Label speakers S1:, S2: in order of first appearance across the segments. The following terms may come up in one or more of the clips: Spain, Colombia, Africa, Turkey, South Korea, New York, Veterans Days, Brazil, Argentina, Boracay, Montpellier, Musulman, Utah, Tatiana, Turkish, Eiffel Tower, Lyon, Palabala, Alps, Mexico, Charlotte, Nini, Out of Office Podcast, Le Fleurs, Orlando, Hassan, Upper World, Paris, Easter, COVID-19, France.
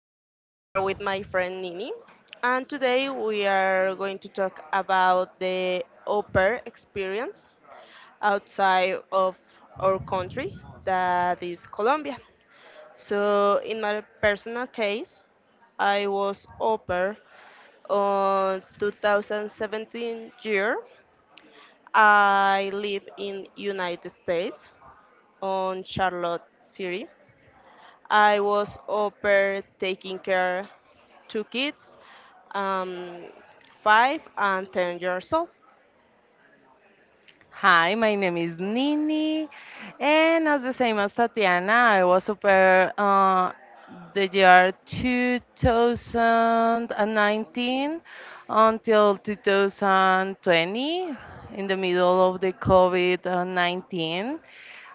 S1: I'm here with my friend Nini, and today we are going to talk about the au pair experience outside of our country, that is Colombia. So, in my personal case, I was au pair on 2017 year. I live in United States on Charlotte City. I was over taking care two kids, um, 5 and 10 years old.
S2: Hi, my name is Nini, and as the same as Tatiana, I was au pair the year 2019 until 2020, in the middle of the COVID-19.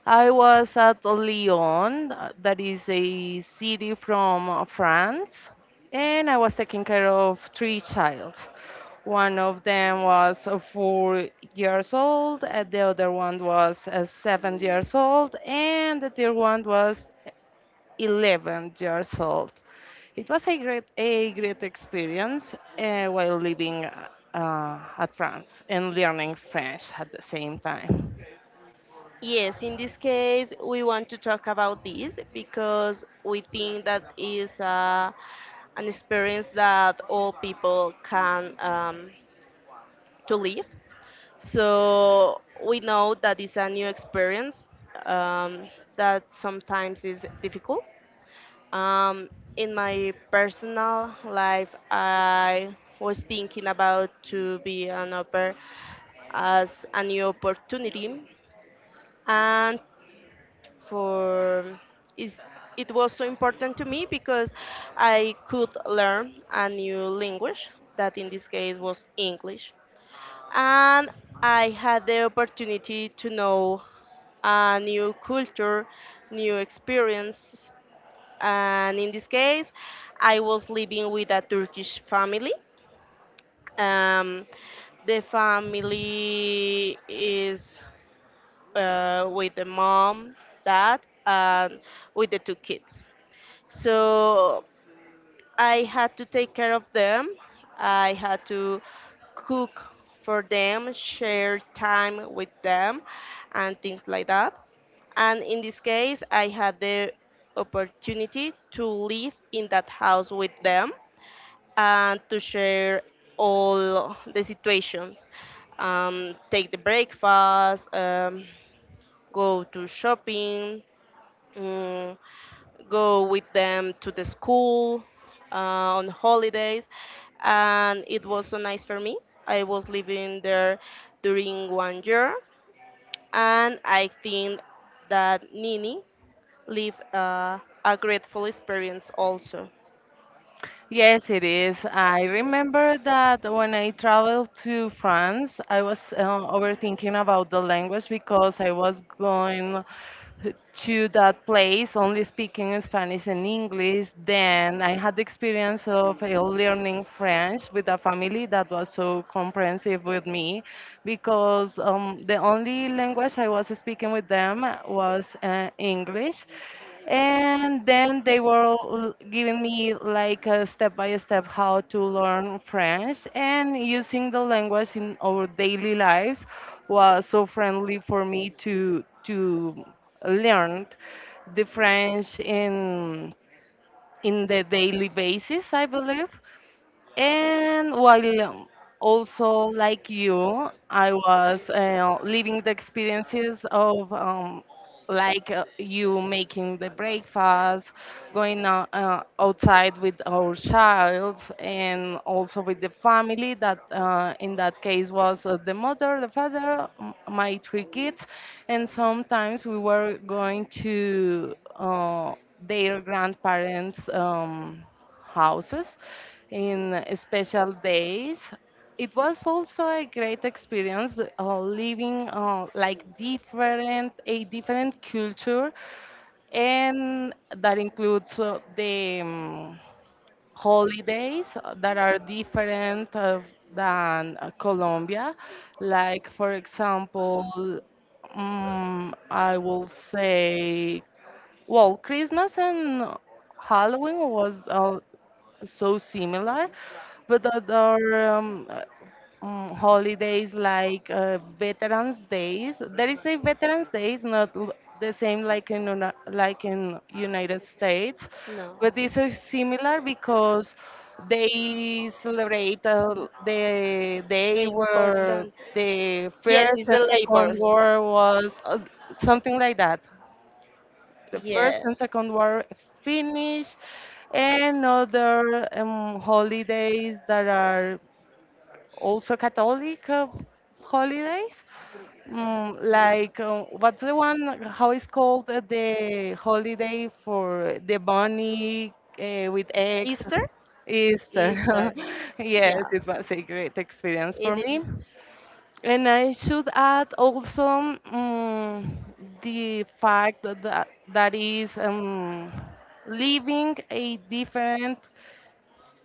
S2: I was at Lyon, that is a city from France, and I was taking care of three child. One of them was 4 years old, and the other one was 7 years old, and the third one was 11 years old. It was a great experience while living at France and learning French at the same time.
S1: Yes, in this case, we want to talk about this because we think that is an experience that all people can to live. So we know that it's a new experience, um, that sometimes is difficult. Um, in my personal life, I was thinking about to be an upper as a new opportunity, and for is it was so important to me because I could learn a new language that in this case was English, and I had the opportunity to know a new culture, new experience, and in this case, I was living with a Turkish family. Um, the family is with the mom, dad, and with the two kids. So I had to take care of them. I had to cook for them, share time with them, and things like that. And in this case, I had the opportunity to live in that house with them, and to share all the situations. Take the breakfast, go to shopping, mm, go with them to the school on holidays, and it was so nice for me. I was living there during one year, and I think that Nini lived a grateful experience also.
S2: Yes, it is. I remember that when I traveled to France, I was overthinking about the language because I was going to that place only speaking Spanish and English. Then I had the experience of learning French with a family that was so comprehensive with me because the only language I was speaking with them was English. And then they were giving me like a step by step how to learn French, and using the language in our daily lives was so friendly for me to learned the French in the daily basis, I believe. And while also like you, I was living the experiences of like you making the breakfast, going out, outside with our child, and also with the family. That in that case was the mother, the father, my three kids, and sometimes we were going to their grandparents. Houses in special days. It was also a great experience living like different a different culture, and that includes the holidays that are different than Colombia. Like for example, I will say well, Christmas and Halloween was so similar, but other holidays like Veterans Days. There is a Veterans Days, not the same like in like in United States,
S1: No.
S2: but this is similar because they celebrate
S1: So,
S2: the day
S1: the
S2: where
S1: important.
S2: the
S1: Yes,
S2: first
S1: it's
S2: and
S1: the
S2: second
S1: labor.
S2: war was something like that the
S1: Yeah.
S2: first and second war finished, and other holidays that are also Catholic holidays.
S1: Mm.
S2: Like what's the one how is called the holiday for the bunny with eggs?
S1: Easter?
S2: Easter.
S1: Easter.
S2: Yes, it
S1: Yes.
S2: was a great experience
S1: It
S2: for
S1: is.
S2: me. And I should add also the fact that that is living a different,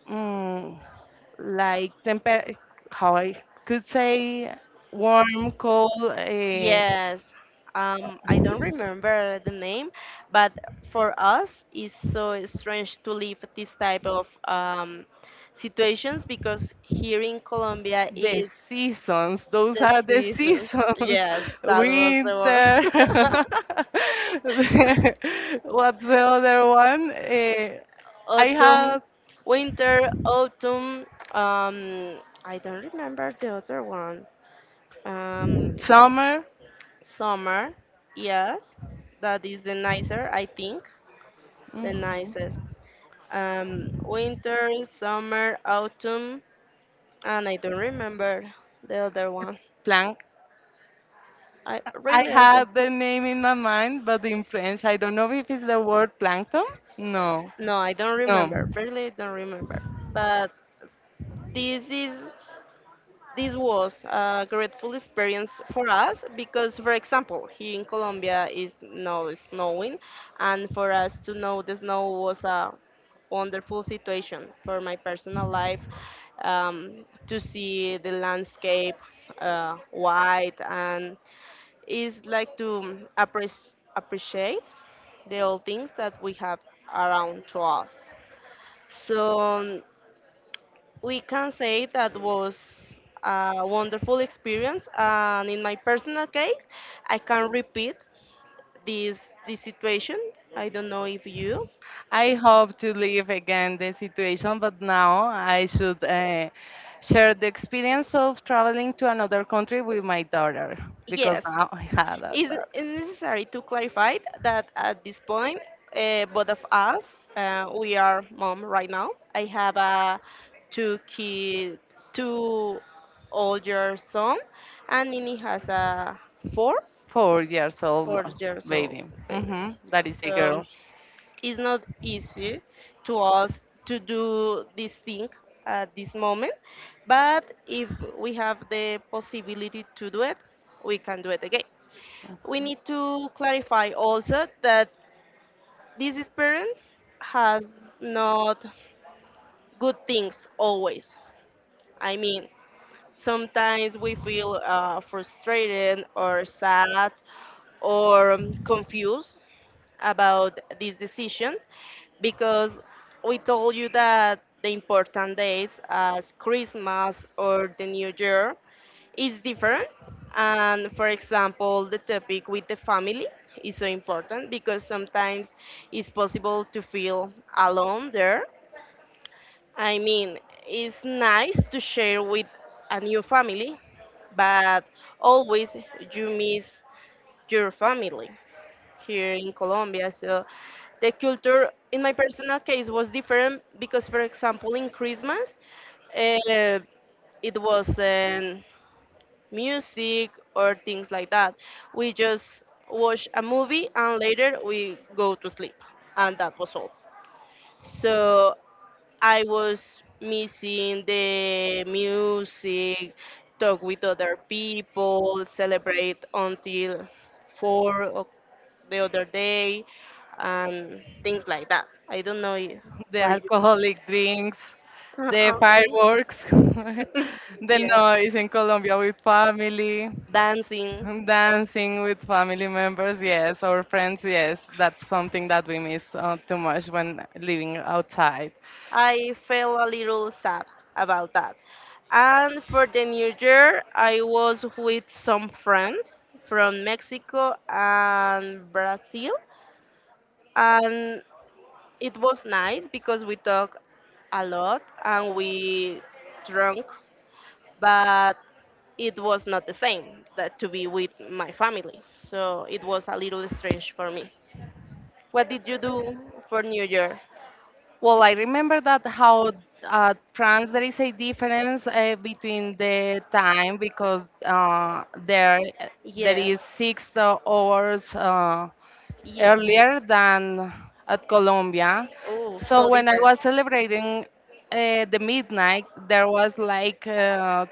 S2: mm like temper, how I could say, warm, cold.
S1: Yes, I don't remember the name, but for us, it's so strange to live this type of situations because here in Colombia
S2: The
S1: is
S2: seasons, those
S1: the
S2: are the
S1: season.
S2: seasons.
S1: Yes, that was the
S2: Winter.
S1: word.
S2: What's the other one? I
S1: Autumn,
S2: had
S1: winter, autumn. Um, I don't remember the other one. Um,
S2: summer.
S1: summer. Yes, that is the nicer, I think, the
S2: Mhm.
S1: nicest. Winter, summer, autumn, and I don't remember the other one.
S2: Plank.
S1: I
S2: I
S1: really I don't,
S2: had the name in my mind, but in French, I don't know if it's the word plankton. No,
S1: no, I don't
S2: no.
S1: remember. Really, I don't remember. But this is this was a grateful experience for us because, for example, here in Colombia is now snowing, and for us to know the snow was a wonderful situation for my personal life to see the landscape white and is like to appres appreciate the old things that we have around to us. So we can say that was a wonderful experience. And in my personal case, I can repeat this this situation. I don't know if you.
S2: I hope to leave again the situation, but now I should share the experience of traveling to another country with my daughter because
S1: Yes,
S2: now I have a
S1: It's
S2: daughter,
S1: it's necessary to clarify that at this point, both of us, we are mom right now. I have a two kid, two older son, and Nini has a four,
S2: 4 years old
S1: 4 years old
S2: baby.
S1: baby.
S2: That is a
S1: So
S2: girl.
S1: it's not easy to us to do this thing at this moment, but if we have the possibility to do it, we can do it again. We need to clarify also that this experience has not good things always. I mean, sometimes we feel frustrated or sad or confused about these decisions because we told you that the important dates as Christmas or the New Year it's different. And for example, the topic with the family is so important because sometimes it's possible to feel alone there. I mean, it's nice to share with a new family, but always you miss your family here in Colombia. So the culture in my personal case was different because, for example, in Christmas, uh, it wasn't music or things like that. We just watch a movie and later we go to sleep, and that was all. So I was missing the music, talk with other people, celebrate until four o- the other day, and things like that. I don't know I-
S2: The
S1: for you.
S2: alcoholic drinks, the
S1: Uh-uh.
S2: fireworks, the
S1: Yes.
S2: noise in Colombia with family,
S1: Dancing.
S2: dancing with family members, yes, or friends, yes. That's something that we miss too much when living outside.
S1: I felt a little sad about that. And for the new year, I was with some friends from Mexico and Brazil. And it was nice because we talked a lot and we drunk, but it was not the same that to be with my family. So it was a little strange for me. What did you do for New Year?
S2: Well, I remember that how France there is a difference between the time because there
S1: Yes,
S2: is 6 hours
S1: yes.
S2: earlier than at Colombia.
S1: Oh,
S2: So
S1: so
S2: when I
S1: different.
S2: was celebrating the midnight, there was like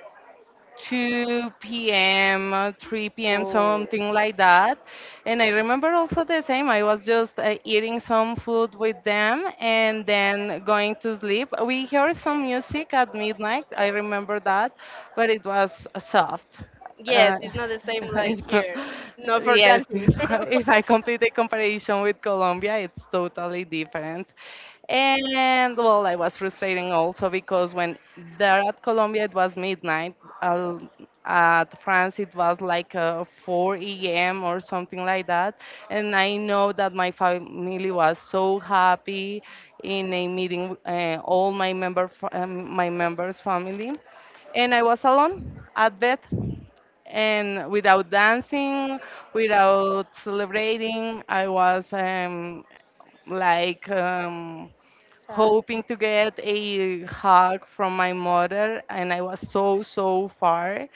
S2: 2 p.m., 3 p.m.,
S1: Oh,
S2: something like that. And I remember also the same. I was just eating some food with them and then going to sleep. We heard some music at midnight. I remember that, but it was soft. Uh,
S1: yes, it's not the same like
S2: if not-
S1: here. Not for
S2: Yes,
S1: dancing.
S2: if I complete the comparison with Colombia, it's totally different. And well, I was frustrating also because when there at Colombia it was midnight, al- at France it was like 4 a.m. or something like that. And I know that my family was so happy in a meeting, all my member, my members' family, and I was alone at bed and without dancing, without celebrating. I was like
S1: Sad?
S2: hoping to get a hug from my mother, and I was so far,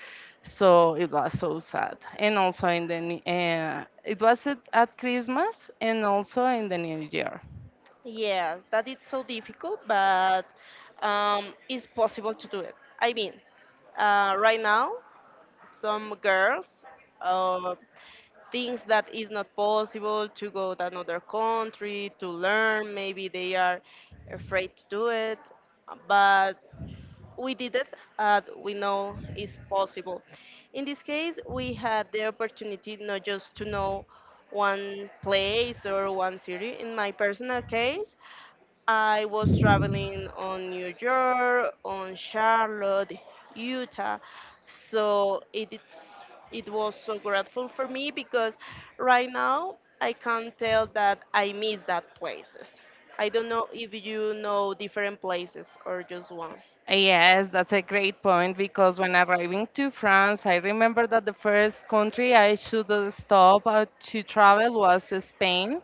S2: so it was so sad. And also in the it was at Christmas, and also in the New Year.
S1: Yes, that it's so difficult, but it's possible to do it. I mean, right now some girls uh, thinks that it's not possible to go to another country to learn. Maybe they are afraid to do it, but we did it. And we know it's possible. In this case, we had the opportunity not just to know one place or one city. In my personal case, I was traveling on New York, on Charlotte, Utah. So it was so grateful for me because right now I can tell that I miss that places. I don't know if you know different places or just one.
S2: Yes, that's a great point because when arriving to France, I remember that the first country I should stop to travel was Spain.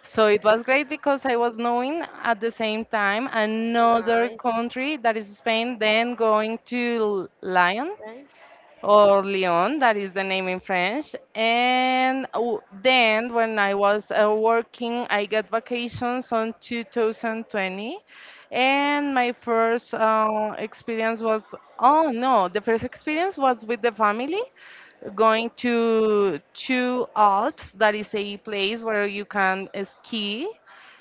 S2: So it was great because I was knowing at the same time another
S1: Nice.
S2: country that is Spain, then going to Lyon.
S1: Right?
S2: Or Lyon, that is the name in French. And then when I was working, I got vacations on 2020. And my first experience was, oh no, the first experience was with the family going to two Alps, that is a place where you can ski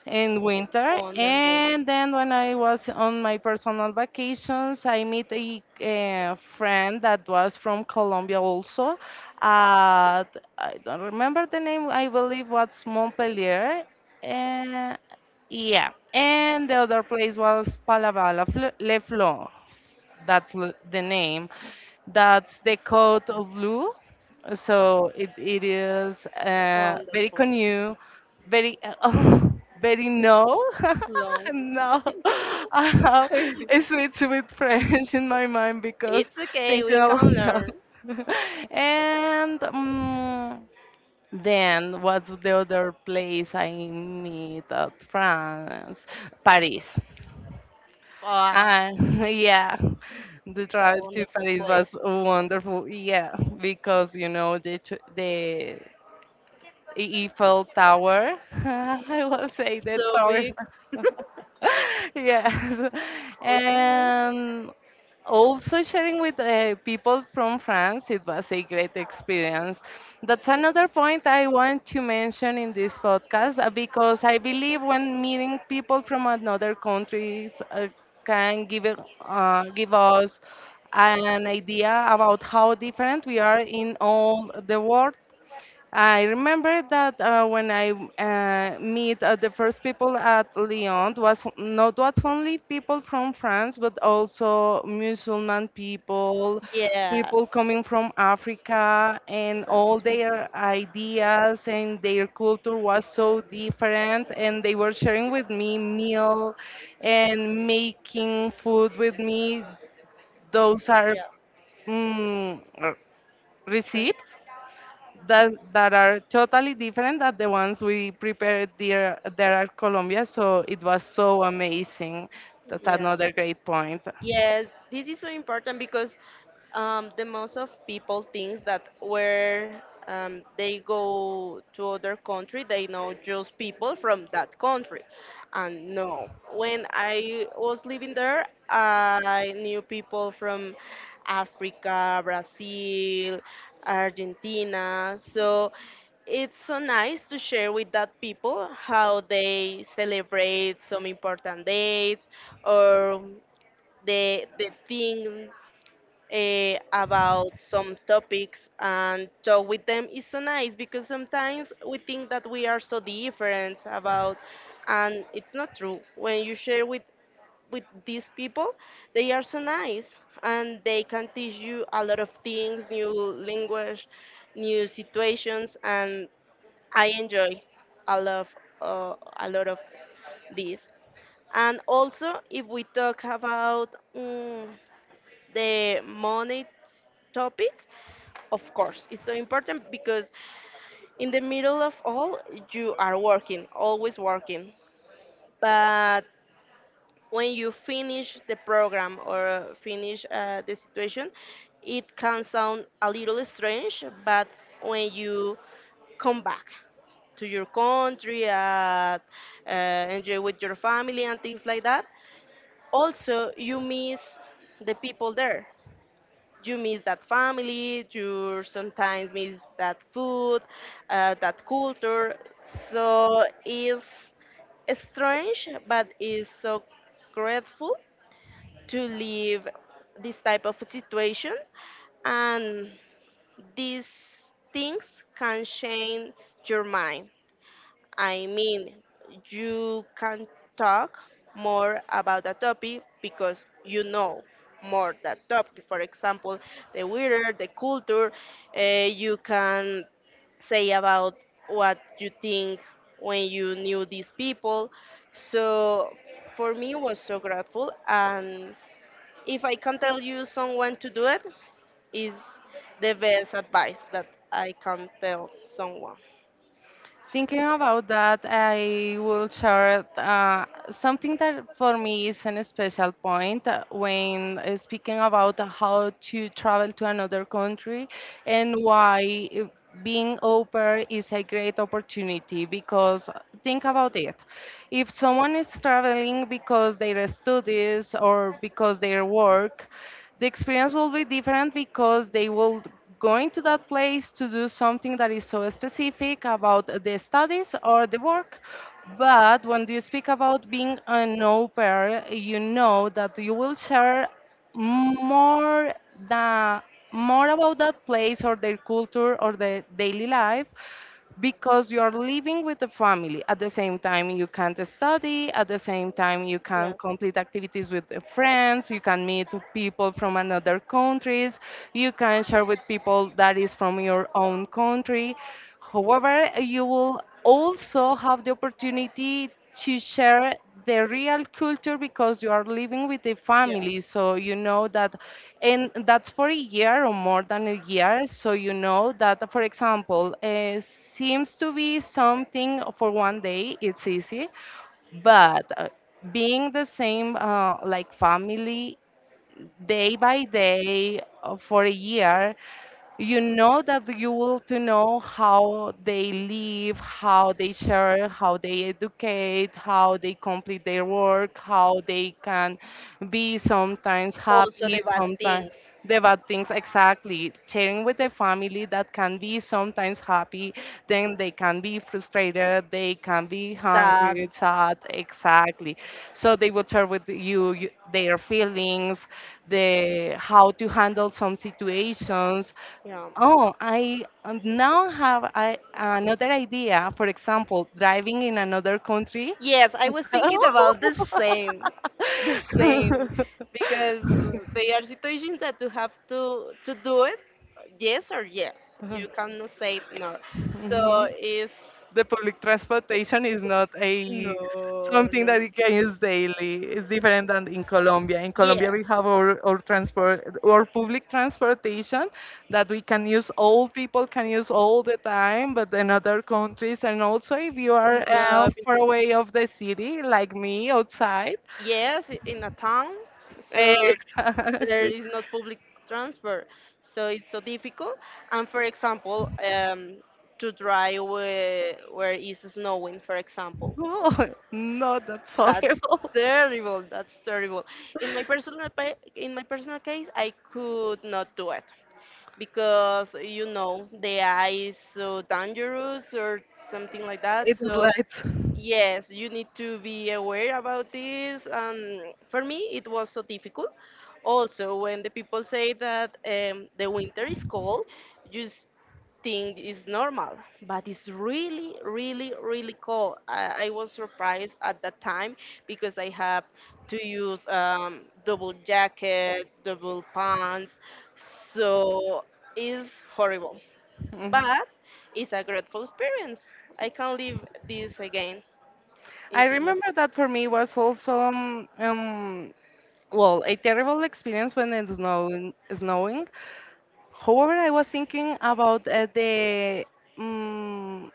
S2: in winter.
S1: Wonderful.
S2: And then when I was on my personal vacations, I met a friend that was from Colombia also. At, I don't remember the name, I believe was Montpellier. Uh, yeah. And the other place was Palabala, Le Fleurs, that's the name. That's the code of blue. So it is very
S1: Wonderful.
S2: new, very oh, very no,
S1: Long.
S2: no. I have
S1: It
S2: a
S1: is.
S2: sweet French in my mind because
S1: It's okay.
S2: thinking
S1: We
S2: about
S1: can
S2: that.
S1: learn.
S2: And then what's the other place I meet at France? Paris.
S1: Ah,
S2: And yeah, the
S1: it's a
S2: travel to
S1: wonderful
S2: Paris
S1: place.
S2: was wonderful. Yeah, because you know the the Eiffel Tower. I will say the
S1: So
S2: tower.
S1: big.
S2: Yes,
S1: We can learn.
S2: and also sharing with people from France, it was a great experience. That's another point I want to mention in this podcast because I believe when meeting people from another countries can give us an idea about how different we are in all the world. I remember that when I meet the first people at Lyon, was not was only people from France, but also Musulman people, people
S1: Yes.
S2: coming from Africa, and all
S1: That's right.
S2: their ideas and their culture was so different, and they were sharing with me meal and making food with me. Those are
S1: Yeah.
S2: mm, r-
S1: Straight.
S2: recipes that are totally different than the ones we prepared there at Colombia. So it was so amazing. That's
S1: Yeah.
S2: another great point.
S1: Yes. This is so important because the most of people thinks that where they go to other country, they know just people from that country. And no, when I was living there, I knew people from Africa, Brazil, Argentina. So it's so nice to share with that people how they celebrate some important dates or the thing about some topics and talk with them is so nice because sometimes we think that we are so different about and it's not true when you share with these people. They are so nice, and they can teach you a lot of things, new language, new situations. And I enjoy a lot, uh, a lot of this. And also if we talk about mm, the money topic, of course, it's so important because in the middle of all, you are working, always working. But when you finish the program or finish the situation, it can sound a little strange, but when you come back to your country, uh, enjoy with your family and things like that, also you miss the people there, you miss that family, you sometimes miss that food, that culture. So it's strange, but it's so grateful to live this type of situation. And these things can change your mind. I mean, you can talk more about a topic because you know more that topic. For example, the weather, the culture. You can say about what you think when you knew these people. So for me, it was so grateful. And if I can tell you someone to do it, is the best advice that I can tell someone.
S2: Thinking about that, I will share something that for me is a special point when speaking about how to travel to another country and why being au pair is a great opportunity because think about it. If someone is traveling because their studies or because their work, the experience will be different because they will going to that place to do something that is so specific about the studies or the work. But when you speak about being an au pair, you know that you will share more the more about that place or their culture or their daily life because you are living with the family. At the same time, you can't study. At the same time, you can
S1: Yes,
S2: complete activities with the friends. You can meet people from another countries. You can share with people that is from your own country. However, you will also have the opportunity to share the real culture because you are living with the family,
S1: yes.
S2: so you know that. And that's for a year or more than a year, so you know that, for example, seems to be something for one day, it's easy, but being the same like family day by day for a year, you know that you will to know how they live, how they share, how they educate, how they complete their work, how they can be sometimes
S1: Also,
S2: happy,
S1: the bad
S2: sometimes
S1: things.
S2: the bad things exactly. Sharing with their family that can be sometimes happy, then they can be frustrated, they can be
S1: Sad.
S2: hungry, sad, exactly. So they will share with you their feelings, the how to handle some situations.
S1: Yeah.
S2: Oh, I now have another idea. For example, driving in another country.
S1: Yes, I was thinking about the same, because they are situations that you have to do it, yes or yes. You cannot say no. So it's
S2: The public transportation is not
S1: No,
S2: a something that
S1: no.
S2: you can use daily. It's different than in Colombia. In Colombia,
S1: Yeah,
S2: we have our transport, our public transportation that we can use. All people can use all the time, but in other countries, and also if you are
S1: No,
S2: far away of the city, like me, outside.
S1: yes, in a town, so there
S2: Exactly.
S1: is not public transport, so it's so difficult. And for example, to drive where it's snowing, for example,
S2: Oh, no, that's
S1: that's
S2: horrible.
S1: terrible. That's terrible. In my personal case, I could not do it because you know the ice so dangerous or something like that.
S2: It is
S1: So
S2: light.
S1: Yes, you need to be aware about this. And for me, it was so difficult. Also, when the people say that the winter is cold, you s- think it's normal, but it's really, really, really cold. I was surprised at that time because I have to use double jacket, double pants, so it's horrible.
S2: Mhm.
S1: But it's a grateful experience. I can't live this again.
S2: I
S1: If you,
S2: remember that for me was also well a terrible experience when it's snowing. Snowing. However, I was thinking about the um,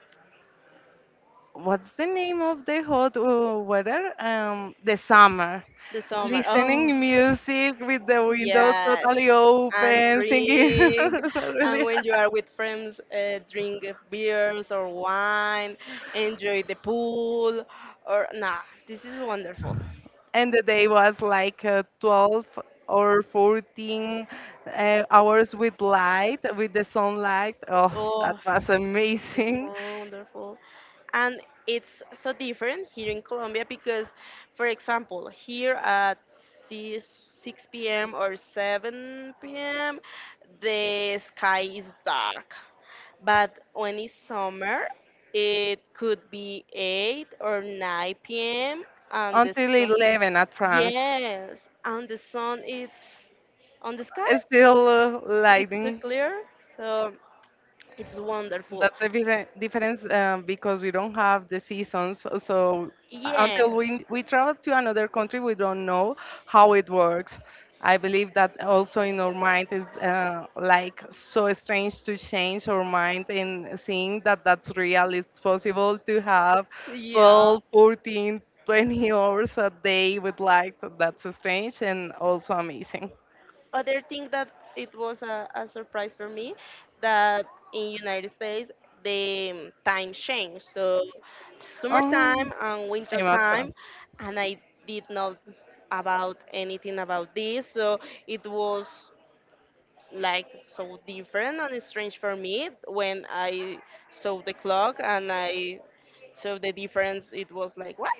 S2: what's the name of the hot weather? The summer.
S1: the summer. Oh,
S2: Listening music with the window
S1: yes.
S2: totally
S1: And
S2: open, singing
S1: drink. And
S2: really.
S1: when you are with friends, drink beers or wine. Enjoy the pool. Or nah, this is wonderful.
S2: And the day was like 12 or 14 hours with light, with the sunlight. Oh, that
S1: Oh,
S2: was
S1: this is
S2: amazing.
S1: wonderful. And it's so different here in Colombia because, for example, here at 6, 6 p.m. or 7 p.m., the sky is dark. But when it's summer, it could be 8 or 9 p.m. and the
S2: Until
S1: sun,
S2: 11 at France,
S1: yes, and the sun is on the sky.
S2: still
S1: It's so
S2: lightning.
S1: clear, so it's wonderful.
S2: That's a different difference, because we don't have the seasons. So until
S1: Yes,
S2: we travel to another country, we don't know how it works. I believe that also in our mind is like so strange to change our mind and seeing that that's real. It's possible to have
S1: yeah.
S2: 12, 14, 20 hours a day with light. That's strange and also amazing.
S1: Other thing that it was a surprise for me that in United States the time changed. So
S2: Oh,
S1: summertime and winter
S2: same
S1: time,
S2: outcomes.
S1: and I did not about anything about this. So it was like so different and strange for me when I saw the clock and I saw the difference. It was like what?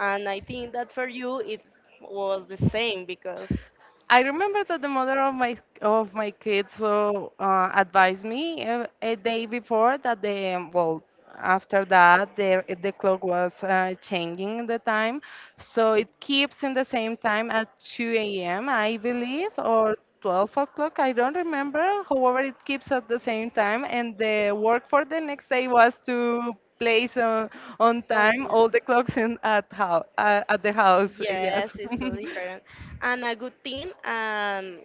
S1: And I think that for you it was the same because
S2: I remember that the mother of my kids so advised me a day before that they after that the clock was changing the time, so it keeps in the same time at 2 a.m. I believe, or 12 o'clock. I don't remember. However, it keeps at the same time, and the work for the next day was to place on time all the clocks in at how at the house. Yes.
S1: Yes, it's so different. And a good thing,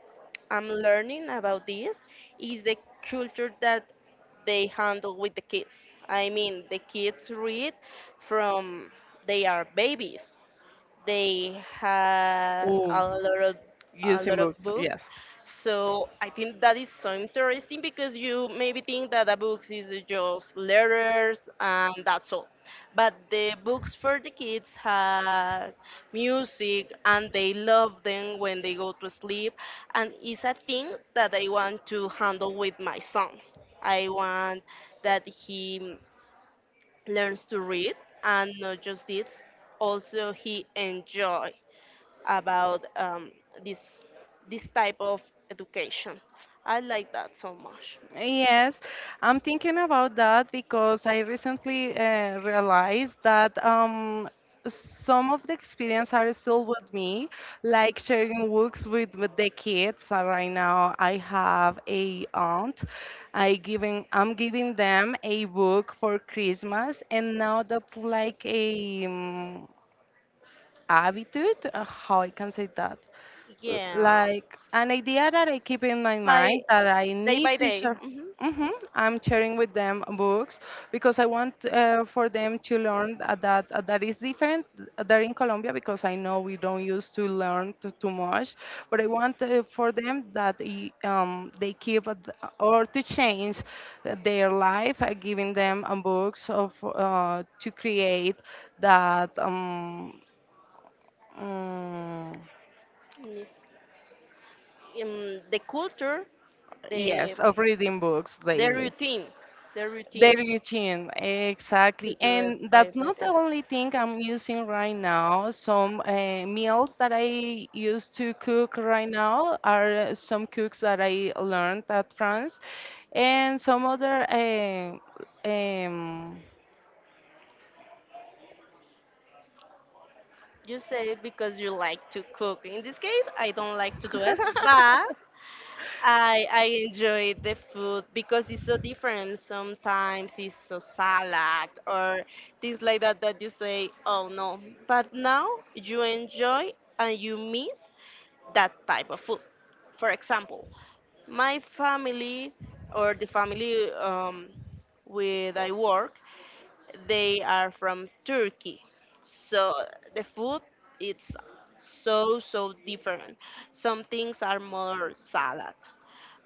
S1: I'm learning about this is the culture that they handle with the kids. I mean, the kids read from they are babies. They had
S2: Oh,
S1: a
S2: using
S1: lot of
S2: books,
S1: books.
S2: yes.
S1: So I think that is so interesting because you maybe think that the books is just letters and that's all, but the books for the kids had music and they love them when they go to sleep. And it's a thing that I want to handle with my son. I want that he learns to read, and not just this, also he enjoy about this this type of education. I like that so much.
S2: Yes, I'm thinking about that because I recently realized that some of the experience are still with me, like sharing books with the kids. Right now, I have a aunt. I'm giving them a book for Christmas, and now that's like a. Habitude, how I can say that, L-
S1: Yeah,
S2: like an idea that I keep in my
S1: by
S2: mind that I
S1: day
S2: need
S1: by
S2: to
S1: day.
S2: share.
S1: Hmm.
S2: Hmm, I'm sharing with them books because I want for them to learn that that is different there in Colombia because I know we don't used to learn too much, but I want for them that they keep or to change their life, giving them books of to create that. Mm,
S1: In the culture, the
S2: yes, of reading books
S1: the
S2: daily.
S1: routine, the routine,
S2: Daily routine, exactly.
S1: do it
S2: And that's
S1: by
S2: not the
S1: day.
S2: only thing I'm using right now. Some meals that I used to cook right now are some cooks that I learned at France, and some other um,
S1: You say because you like to cook. In this case, I don't like to do it, but I enjoy the food because it's so different. Sometimes it's so salad or things like that that you say, oh no. But now you enjoy and you miss that type of food. For example, my family or the family with I work, they are from Turkey. So the food it's so different. Some things are more salad.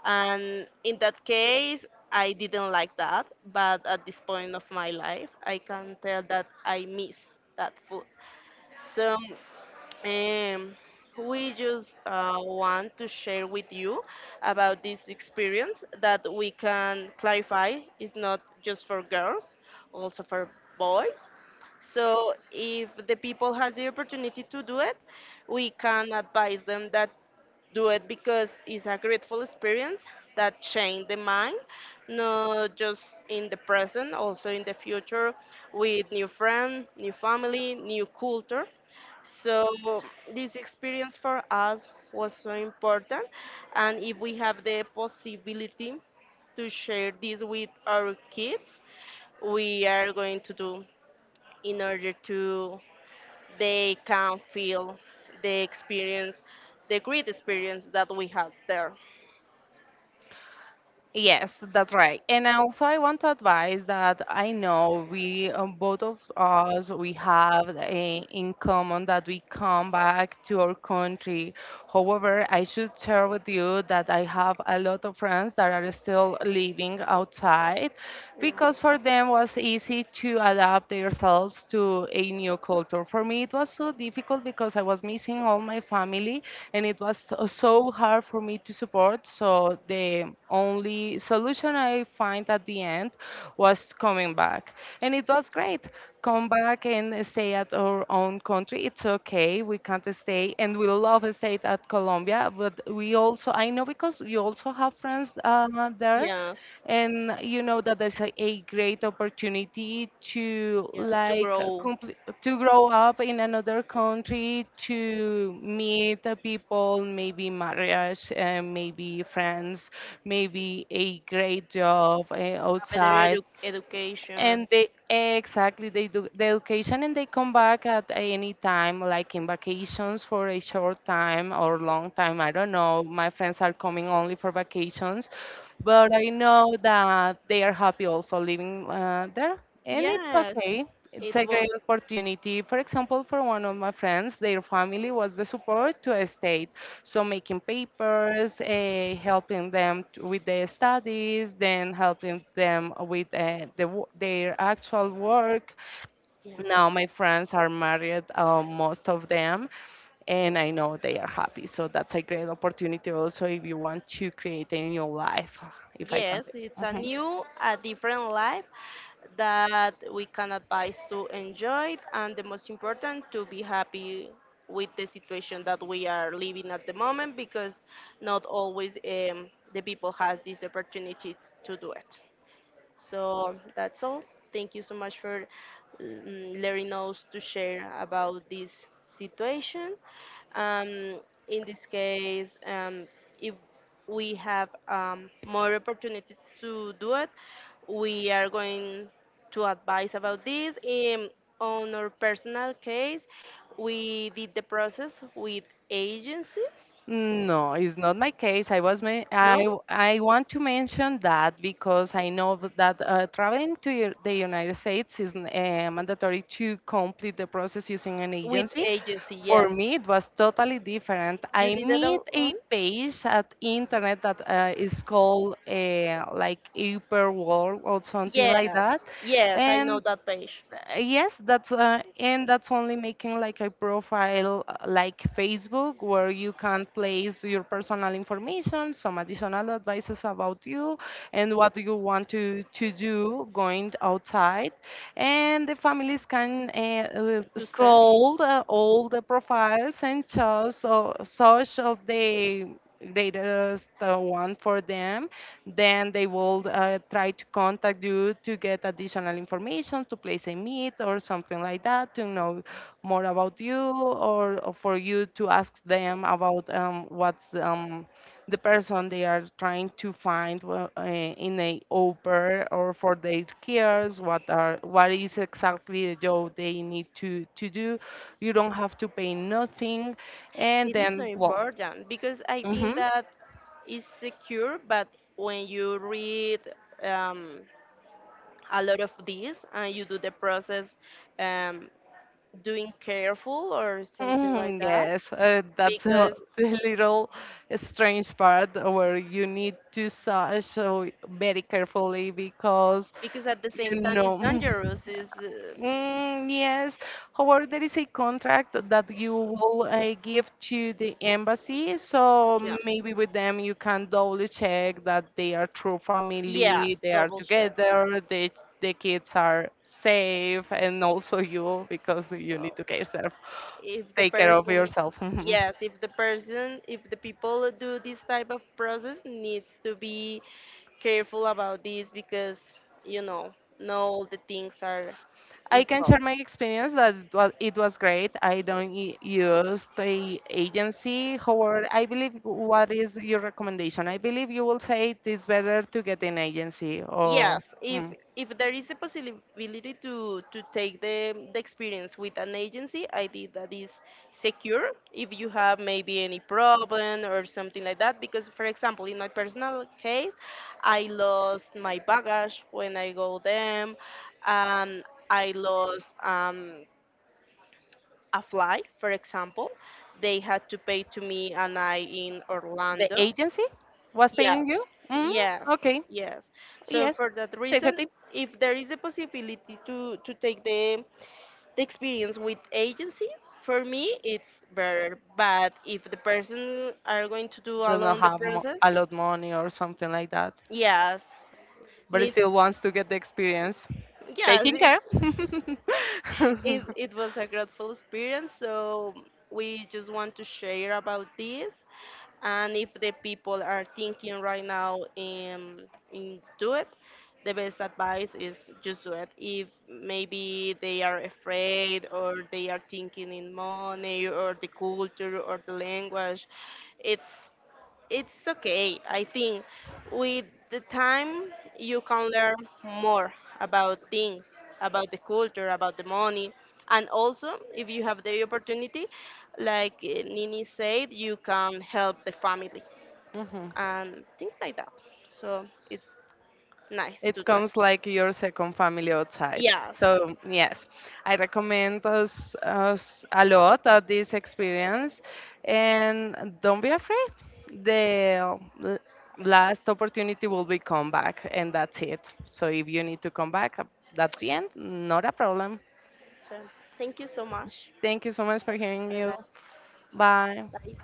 S1: And in that case, I didn't like that, but at this point of my life, I can tell that I miss that food. So, um, we just want to share with you about this experience that we can clarify is not just for girls, also for boys. So, if the people has the opportunity to do it, we can advise them that do it because it's a grateful experience that changed the mind, not just in the present, also in the future with new friends, new family, new culture. So this experience for us was so important, and if we have the possibility to share this with our kids, we are going to do in order to they can feel the experience, the great experience that we had there.
S2: Yes, that's right. And also, I want to advise that I know we, both of us, we have a, in common that we come back to our country. However, I should share with you that I have a lot of friends that are still living outside because for them was easy to adapt themselves to a new culture. For me, it was so difficult because I was missing all my family and it was so hard for me to support. So the only solution I find at the end was coming back. And it was great. Come back and stay at our own country. It's okay. We can't stay and we love stay at Colombia, but we also I know because you also have friends there,
S1: Yes.
S2: and you know that there's a great opportunity to
S1: Yeah. To
S2: like
S1: grow
S2: complete to grow up in another country, to meet the people, maybe marriage and maybe friends, maybe a great job
S1: a better
S2: outside,
S1: edu- education.
S2: and they exactly they do the education and they come back at any time, like in vacations for a short time or long time. I don't know. My friends are coming only for vacations, but I know that they are happy also living there, and it's
S1: Yes.
S2: okay. It's
S1: It
S2: a
S1: was.
S2: great opportunity. For example, for one of my friends, their family was the support to stay. So making papers, helping them with their studies, then helping them with the, their actual work.
S1: Yeah.
S2: Now my friends are married, most of them, and I know they are happy. So that's a great opportunity also if you want to create a new life, if I can
S1: Yes,
S2: say.
S1: it's a
S2: Mhm.
S1: new, a different life that we can advise to enjoy it, and the most important to be happy with the situation that we are living at the moment because not always the people has this opportunity to do it. So that's all. Thank you so much for mm, letting us to share about this situation um, in this case, if we have more opportunities to do it, we are going to advise about this. In on our personal case, we did the process with agencies.
S2: No, it's not my case. I was ma- I
S1: No?
S2: w- I want to mention that because I know that traveling to your, the United States is mandatory to complete the process using an
S1: With
S2: agency.
S1: agency,
S2: For
S1: yes.
S2: me, it was totally different.
S1: You
S2: I
S1: did it
S2: meet a
S1: alone?
S2: page at internet that is called like Upper World or something like
S1: Yes,
S2: that,
S1: yes, I know
S2: and
S1: that page.
S2: yes, that's and that's only making like a profile like Facebook where you can place your personal information, some additional advices about you, and what you want to do going outside, and the families can
S1: To search.
S2: scroll all the profiles and choose such of the greatest one for them, then they will try to contact you to get additional information, to place a meet or something like that, to know more about you, or for you to ask them about what's the person they are trying to find in a au pair or for their cares, what is exactly the job they need to do. You don't have to pay nothing, and
S1: It is not
S2: then well.
S1: important because I think
S2: Mm-hmm.
S1: that is secure, but when you read um, a lot of this and you do the process, um, doing careful or something like
S2: Mm,
S1: that,
S2: yes, that's a,
S1: because
S2: the little strange part where you need to search so very carefully because
S1: at the same
S2: you
S1: time it's
S2: know.
S1: dangerous. Is
S2: Mm, yes. However, there is a contract that you will give to the embassy, so
S1: yeah,
S2: maybe with them you can double check that they are true. Yeah. Family,
S1: yes,
S2: they are
S1: double check.
S2: together, the kids are safe, and also you because you need
S1: So
S2: to care self,
S1: if the
S2: take care of
S1: person,
S2: yourself.
S1: yes, if the person, if the people do this type of process, needs to be careful about this because you know, not all the things are
S2: I can
S1: equal.
S2: share my experience that it was great. I don't use the agency. However, I believe what is your recommendation? I believe you will say it is better to get an agency or.
S1: Yes,
S2: Mm.
S1: if there is the possibility to take the experience with an agency, I think that is secure if you have maybe any problem or something like that. Because for example, in my personal case, I lost my baggage when I go them, and I lost a flight, for example. They had to pay to me and I in
S2: The
S1: Orlando.
S2: agency was, yeah, paying
S1: Yes,
S2: you? Mm,
S1: yes,
S2: okay,
S1: yes. So
S2: yes.
S1: for that reason,
S2: Safety.
S1: if there is the possibility to take the experience with agency, for me it's better. But if the person are going to do
S2: Does not
S1: alone the
S2: have
S1: process,
S2: a lot money or something like that,
S1: yes,
S2: but it
S1: needs
S2: still wants to get the experience.
S1: yes,
S2: Taking
S1: it
S2: care.
S1: it was a grateful experience. So we just want to share about this. And if the people are thinking right now in do it, the best advice is just do it. If maybe they are afraid or they are thinking in money or the culture or the language, it's okay. I think with the time you can learn more about things, about the culture, about the money. And also, if you have the opportunity, like Nini said, you can help the family
S2: Mhm.
S1: and things like that. So it's nice to
S2: It
S1: do it.
S2: comes like your second family outside.
S1: Yes.
S2: So, yes, I recommend us, us a lot of this experience and don't be afraid. The l- last opportunity will be come back and that's it. So if you need to come back, that's the end, not a problem.
S1: So thank you so much.
S2: Thank you so much for hearing
S1: Bye
S2: you.
S1: bye.
S2: Bye.
S1: Bye.